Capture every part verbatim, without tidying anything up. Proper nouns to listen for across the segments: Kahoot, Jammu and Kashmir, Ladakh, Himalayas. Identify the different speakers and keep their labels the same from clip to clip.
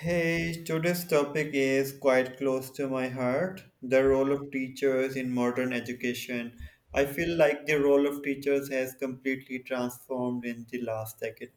Speaker 1: Hey, today's topic is quite close to my heart the role of teachers in modern education. I feel like the role of teachers has completely transformed in the last decade.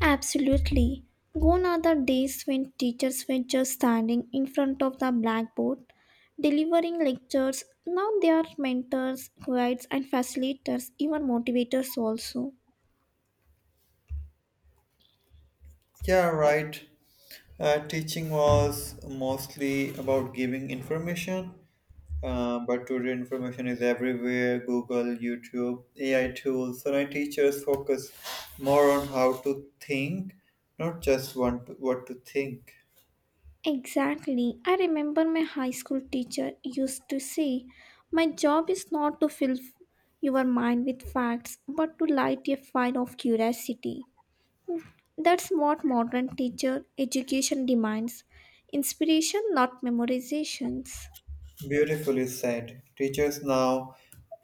Speaker 2: Absolutely. Gone are the days when teachers were just standing in front of the blackboard delivering lectures. Now they are mentors, guides, and facilitators, even motivators also.
Speaker 1: Yeah, right. Uh, teaching was mostly about giving information, uh, but today information is everywhere Google, YouTube, A I tools. So, my teachers focus more on how to think, not just want to, what to think.
Speaker 2: Exactly. I remember my high school teacher used to say, my job is not to fill your mind with facts, but to light a fire of curiosity. That's what modern teacher education demands inspiration, not memorizations.
Speaker 1: Beautifully said. Teachers now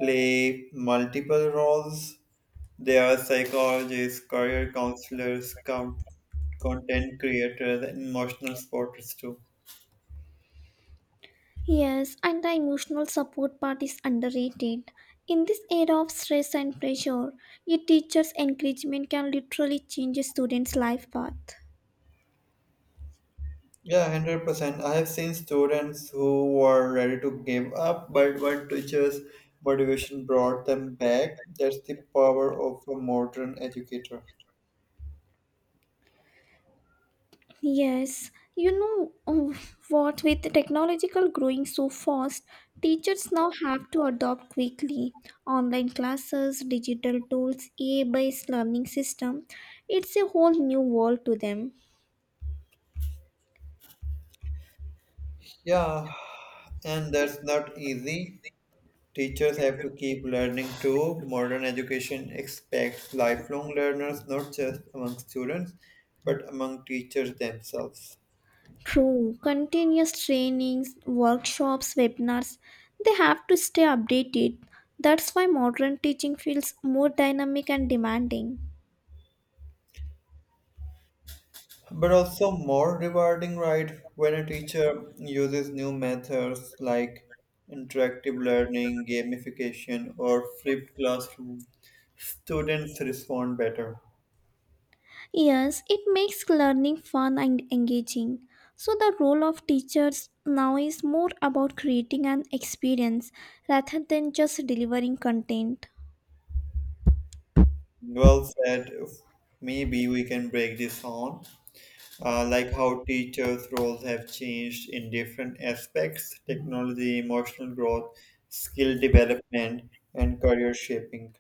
Speaker 1: play multiple roles. They are psychologists, career counselors, com- content creators, and emotional supporters too.
Speaker 2: Yes, and the emotional support part is underrated. In this era of stress and pressure, a teacher's encouragement can literally change a student's life path.
Speaker 1: Yeah, one hundred percent. I have seen students who were ready to give up, but when teachers' motivation brought them back, that's the power of a modern educator.
Speaker 2: Yes, you know oh, what, with technological growing so fast, teachers now have to adopt quickly. Online classes, digital tools, A I based learning system, it's a whole new world to them.
Speaker 1: Yeah, and that's not easy. Teachers have to keep learning too. Modern education expects lifelong learners not just among students but among teachers themselves.
Speaker 2: True, continuous trainings, workshops, webinars, they have to stay updated. That's why modern teaching feels more dynamic and demanding.
Speaker 1: But also more rewarding, right? When a teacher uses new methods like interactive learning, gamification, or flipped classroom, students respond better.
Speaker 2: Yes, it makes learning fun and engaging. So, the role of teachers now is more about creating an experience rather than just delivering content.
Speaker 1: Well said. Maybe we can break this on, uh, like how teachers' roles have changed in different aspects technology, emotional growth, skill development, and career shaping.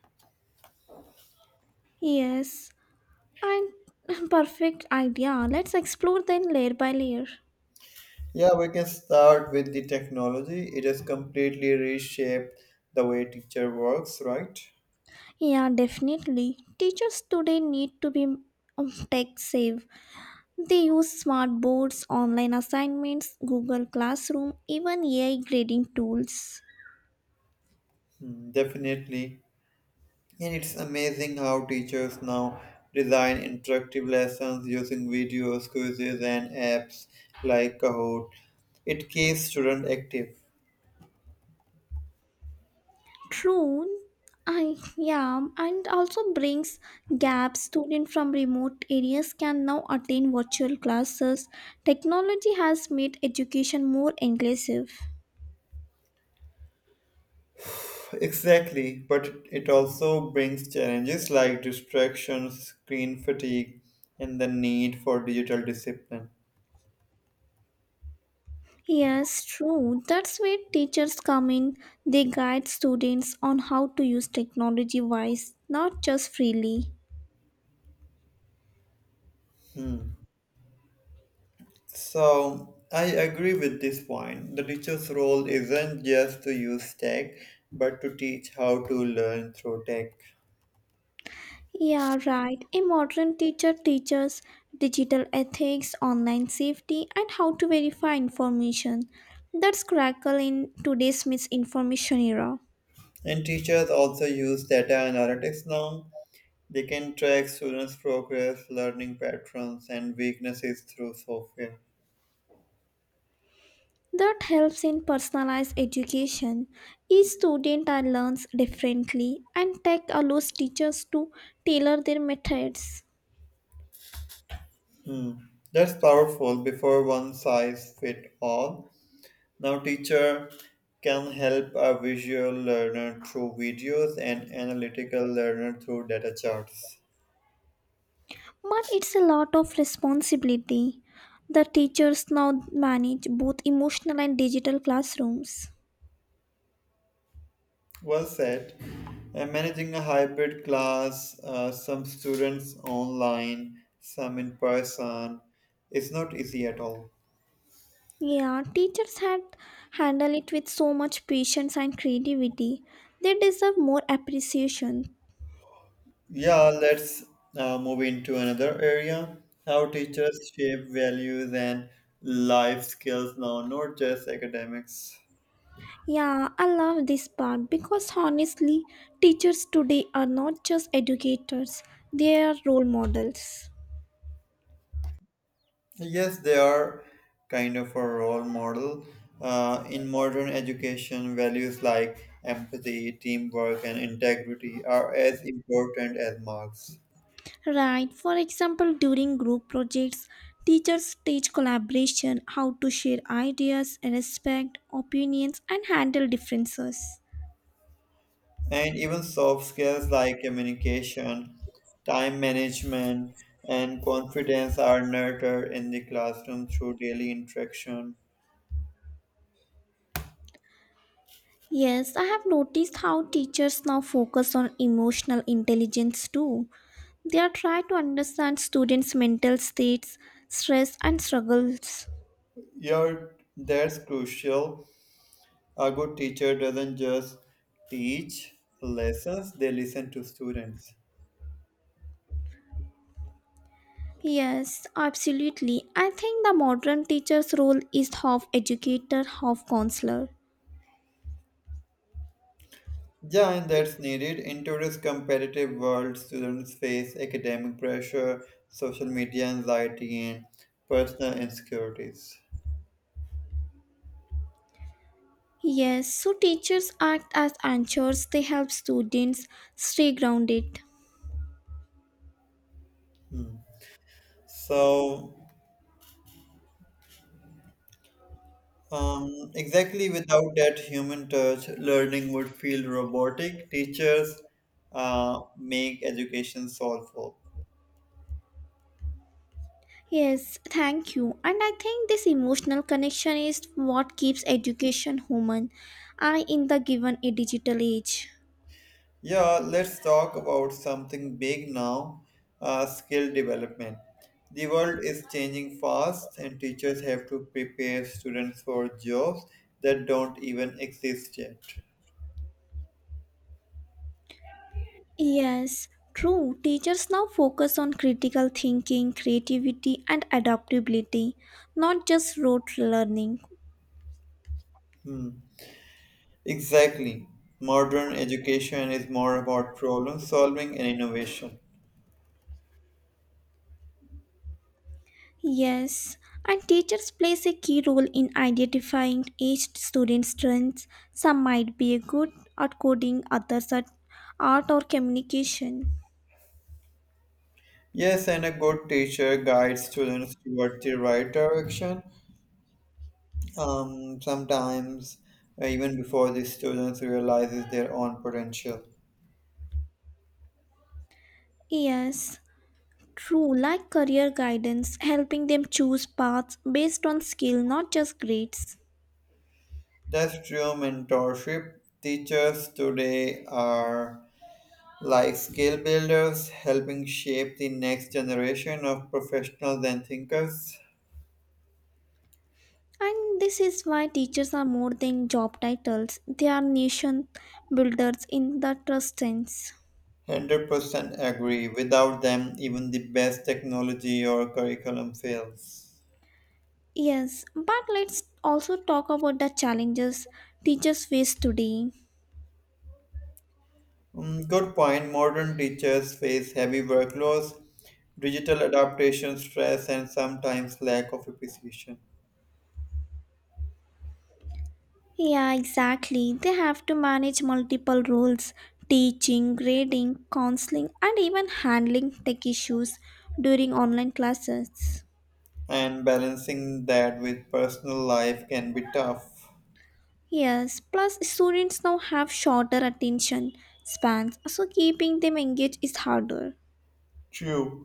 Speaker 2: Yes, and perfect idea. Let's explore then layer by layer.
Speaker 1: Yeah, we can start with the technology. It has completely reshaped the way teacher works, right?
Speaker 2: Yeah, definitely. Teachers today need to be um, tech savvy. They use smart boards, online assignments, Google Classroom, even A I grading tools.
Speaker 1: Hmm, definitely. And it's amazing how teachers now design interactive lessons using videos, quizzes, and apps like Kahoot. It keeps students active.
Speaker 2: True. I yeah, and also brings gaps. Students from remote areas can now attend virtual classes. Technology has made education more inclusive.
Speaker 1: Exactly, but it also brings challenges like distractions, screen fatigue, and the need for digital discipline.
Speaker 2: Yes, true. That's where teachers come in. They guide students on how to use technology wise, not just freely.
Speaker 1: Hmm. So, I agree with this point. The teacher's role isn't just to use tech, but to teach how to learn through tech.
Speaker 2: Yeah, right. A modern teacher teaches digital ethics, online safety, and how to verify information. That's critical in today's misinformation era.
Speaker 1: And teachers also use data analytics now. They can track students' progress, learning patterns, and weaknesses through software.
Speaker 2: That helps in personalized education. Each student learns differently, and tech allows teachers to tailor their methods.
Speaker 1: Hmm. That's powerful before one size fit all. Now, teacher can help a visual learner through videos and analytical learner through data charts.
Speaker 2: But it's a lot of responsibility. The teachers now manage both emotional and digital classrooms.
Speaker 1: Well said. And managing a hybrid class, uh, some students online, some in person, is not easy at all.
Speaker 2: Yeah, teachers had handled it with so much patience and creativity. They deserve more appreciation.
Speaker 1: Yeah, let's now move into another area. How teachers shape values and life skills now, not just academics.
Speaker 2: Yeah, I love this part because honestly, teachers today are not just educators, they are role models.
Speaker 1: Yes, they are kind of a role model. Uh, in modern education, values like empathy, teamwork, and integrity are as important as marks.
Speaker 2: Right, for example, during group projects, teachers teach collaboration, how to share ideas, respect opinions, and handle differences.
Speaker 1: And even soft skills like communication, time management, and confidence are nurtured in the classroom through daily interaction.
Speaker 2: Yes, I have noticed how teachers now focus on emotional intelligence too. They are trying to understand students' mental states, stress, and struggles.
Speaker 1: Yeah, that's crucial. A good teacher doesn't just teach lessons, they listen to students.
Speaker 2: Yes, absolutely. I think the modern teacher's role is half educator, half counselor.
Speaker 1: Yeah, and that's needed. In today's competitive world, students face academic pressure, social media anxiety, and personal insecurities.
Speaker 2: Yes, so teachers act as anchors, they help students stay grounded.
Speaker 1: Hmm. So, um, exactly without that human touch, learning would feel robotic. Teachers uh, make education solve.
Speaker 2: Yes, thank you. And I think this emotional connection is what keeps education human I in the given a digital age.
Speaker 1: Yeah, let's talk about something big now, uh, skill development. The world is changing fast, and teachers have to prepare students for jobs that don't even exist yet.
Speaker 2: Yes, true. Teachers now focus on critical thinking, creativity and adaptability, not just rote learning.
Speaker 1: Hmm. Exactly. Modern education is more about problem solving and innovation.
Speaker 2: Yes, and teachers plays a key role in identifying each student's strengths. Some might be good at coding, others at art or communication.
Speaker 1: Yes, and a good teacher guides students toward the right direction. Um, sometimes uh, even before the students realizes their own potential.
Speaker 2: Yes, true, like career guidance, helping them choose paths based on skill, not just grades.
Speaker 1: That's true mentorship. Teachers today are like skill builders, helping shape the next generation of professionals and thinkers.
Speaker 2: And this is why teachers are more than job titles. They are nation builders in the trust sense.
Speaker 1: one hundred percent agree. Without them, even the best technology or curriculum fails.
Speaker 2: Yes, but let's also talk about the challenges teachers face today.
Speaker 1: Mm, good point. Modern teachers face heavy workloads, digital adaptation stress, and sometimes lack of appreciation.
Speaker 2: Yeah, exactly. They have to manage multiple roles teaching, grading, counseling, and even handling tech issues during online classes.
Speaker 1: And balancing that with personal life can be tough.
Speaker 2: Yes, plus students now have shorter attention spans, so keeping them engaged is harder.
Speaker 1: True.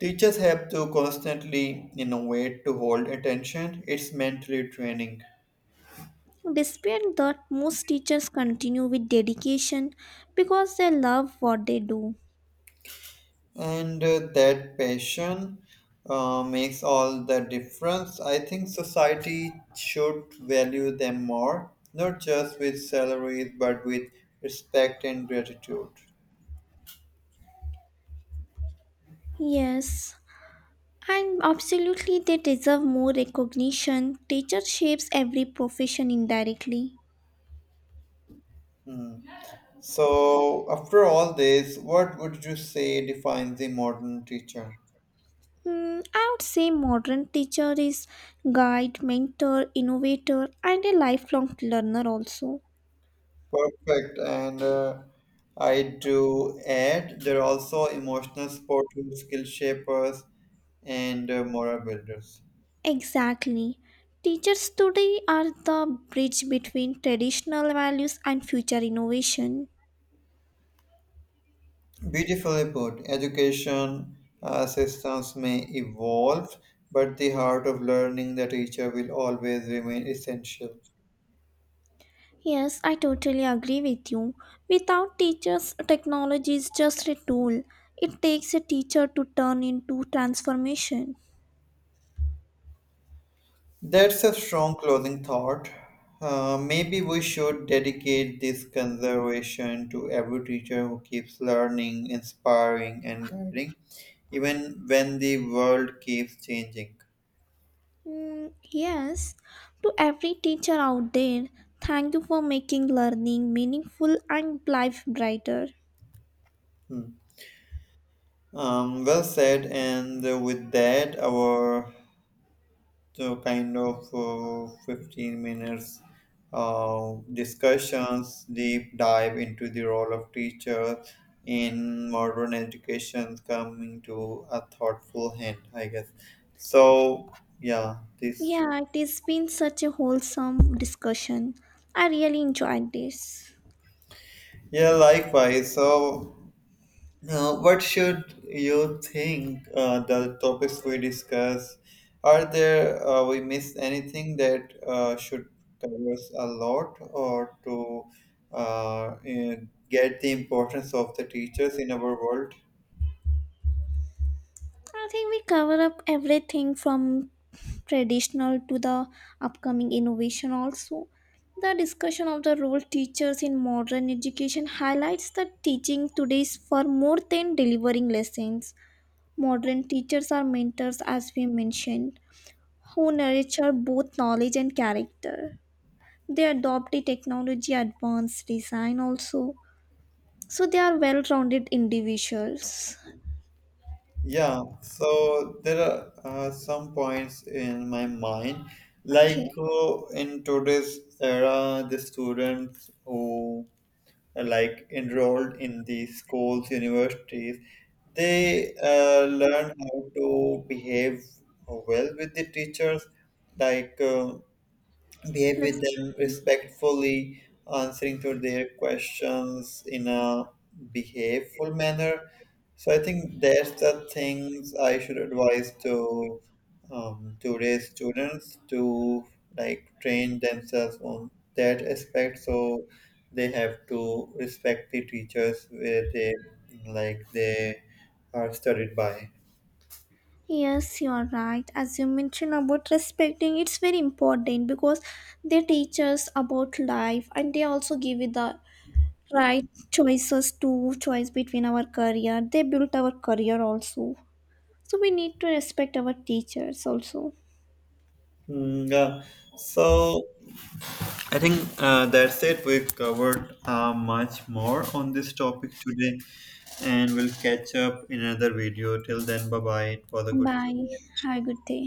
Speaker 1: Teachers have to constantly innovate to hold attention. It's mentally training.
Speaker 2: Despite that, most teachers continue with dedication because they love what they do.
Speaker 1: And uh, that passion uh, makes all the difference. I think society should value them more, not just with salaries, but with respect and gratitude.
Speaker 2: Yes, and absolutely they deserve more recognition. Teacher shapes every profession indirectly.
Speaker 1: Hmm. So, after all this, what would you say defines the modern teacher?
Speaker 2: Hmm, I would say modern teacher is guide, mentor, innovator, and a lifelong learner also.
Speaker 1: Perfect. And uh, I do add there are also emotional support tools, skill shapers, and uh, morale builders.
Speaker 2: Exactly. Teachers today are the bridge between traditional values and future innovation.
Speaker 1: Beautifully put. Education uh, systems may evolve, but the heart of learning the teacher will always remain essential.
Speaker 2: Yes, I totally agree with you. Without teachers, technology is just a tool. It takes a teacher to turn into transformation.
Speaker 1: That's a strong closing thought. Uh, maybe we should dedicate this conservation to every teacher who keeps learning, inspiring, and guiding, even when the world keeps changing.
Speaker 2: Mm, yes, to every teacher out there, thank you for making learning meaningful and life brighter.
Speaker 1: Hmm. Um, well said, and with that, our so kind of uh, fifteen minutes uh, discussions deep dive into the role of teacher in modern education coming to a thoughtful end, I guess. so yeah this
Speaker 2: Yeah, it has been such a wholesome discussion. I really enjoyed this.
Speaker 1: yeah, likewise. So now, what should you think, uh, the topics we discuss? Are there uh, we missed anything that uh, should covers a lot or to uh, in- get the importance of the teachers in our world?
Speaker 2: I think we cover up everything from traditional to the upcoming innovation also. The discussion of the role teachers in modern education highlights that teaching today is for more than delivering lessons. Modern teachers are mentors, as we mentioned, who nurture both knowledge and character. They adopt the technology advanced design also. So they are well rounded individuals.
Speaker 1: Yeah, so there are uh, some points in my mind. Like
Speaker 2: Okay,
Speaker 1: uh, in today's era, the students who like enrolled in the schools, universities, they uh, learn how to behave well with the teachers, like. Uh, behave with
Speaker 2: let's
Speaker 1: them respectfully, answering to their questions in a behaveful manner. So I think there's the things I should advise to um, today's students to like train themselves on that aspect. So they have to respect the teachers where they like they are studied by.
Speaker 2: Yes, you are right. As you mentioned about respecting, it's very important because they teach us about life and they also give you the right choices to choice between our career. They build our career also. So we need to respect our teachers also.
Speaker 1: Mm, yeah. So I think uh, that's it. We've covered uh, much more on this topic today, and we'll catch up in another video. Till then, bye bye. It was a good. chat.
Speaker 2: Bye. Have a good day.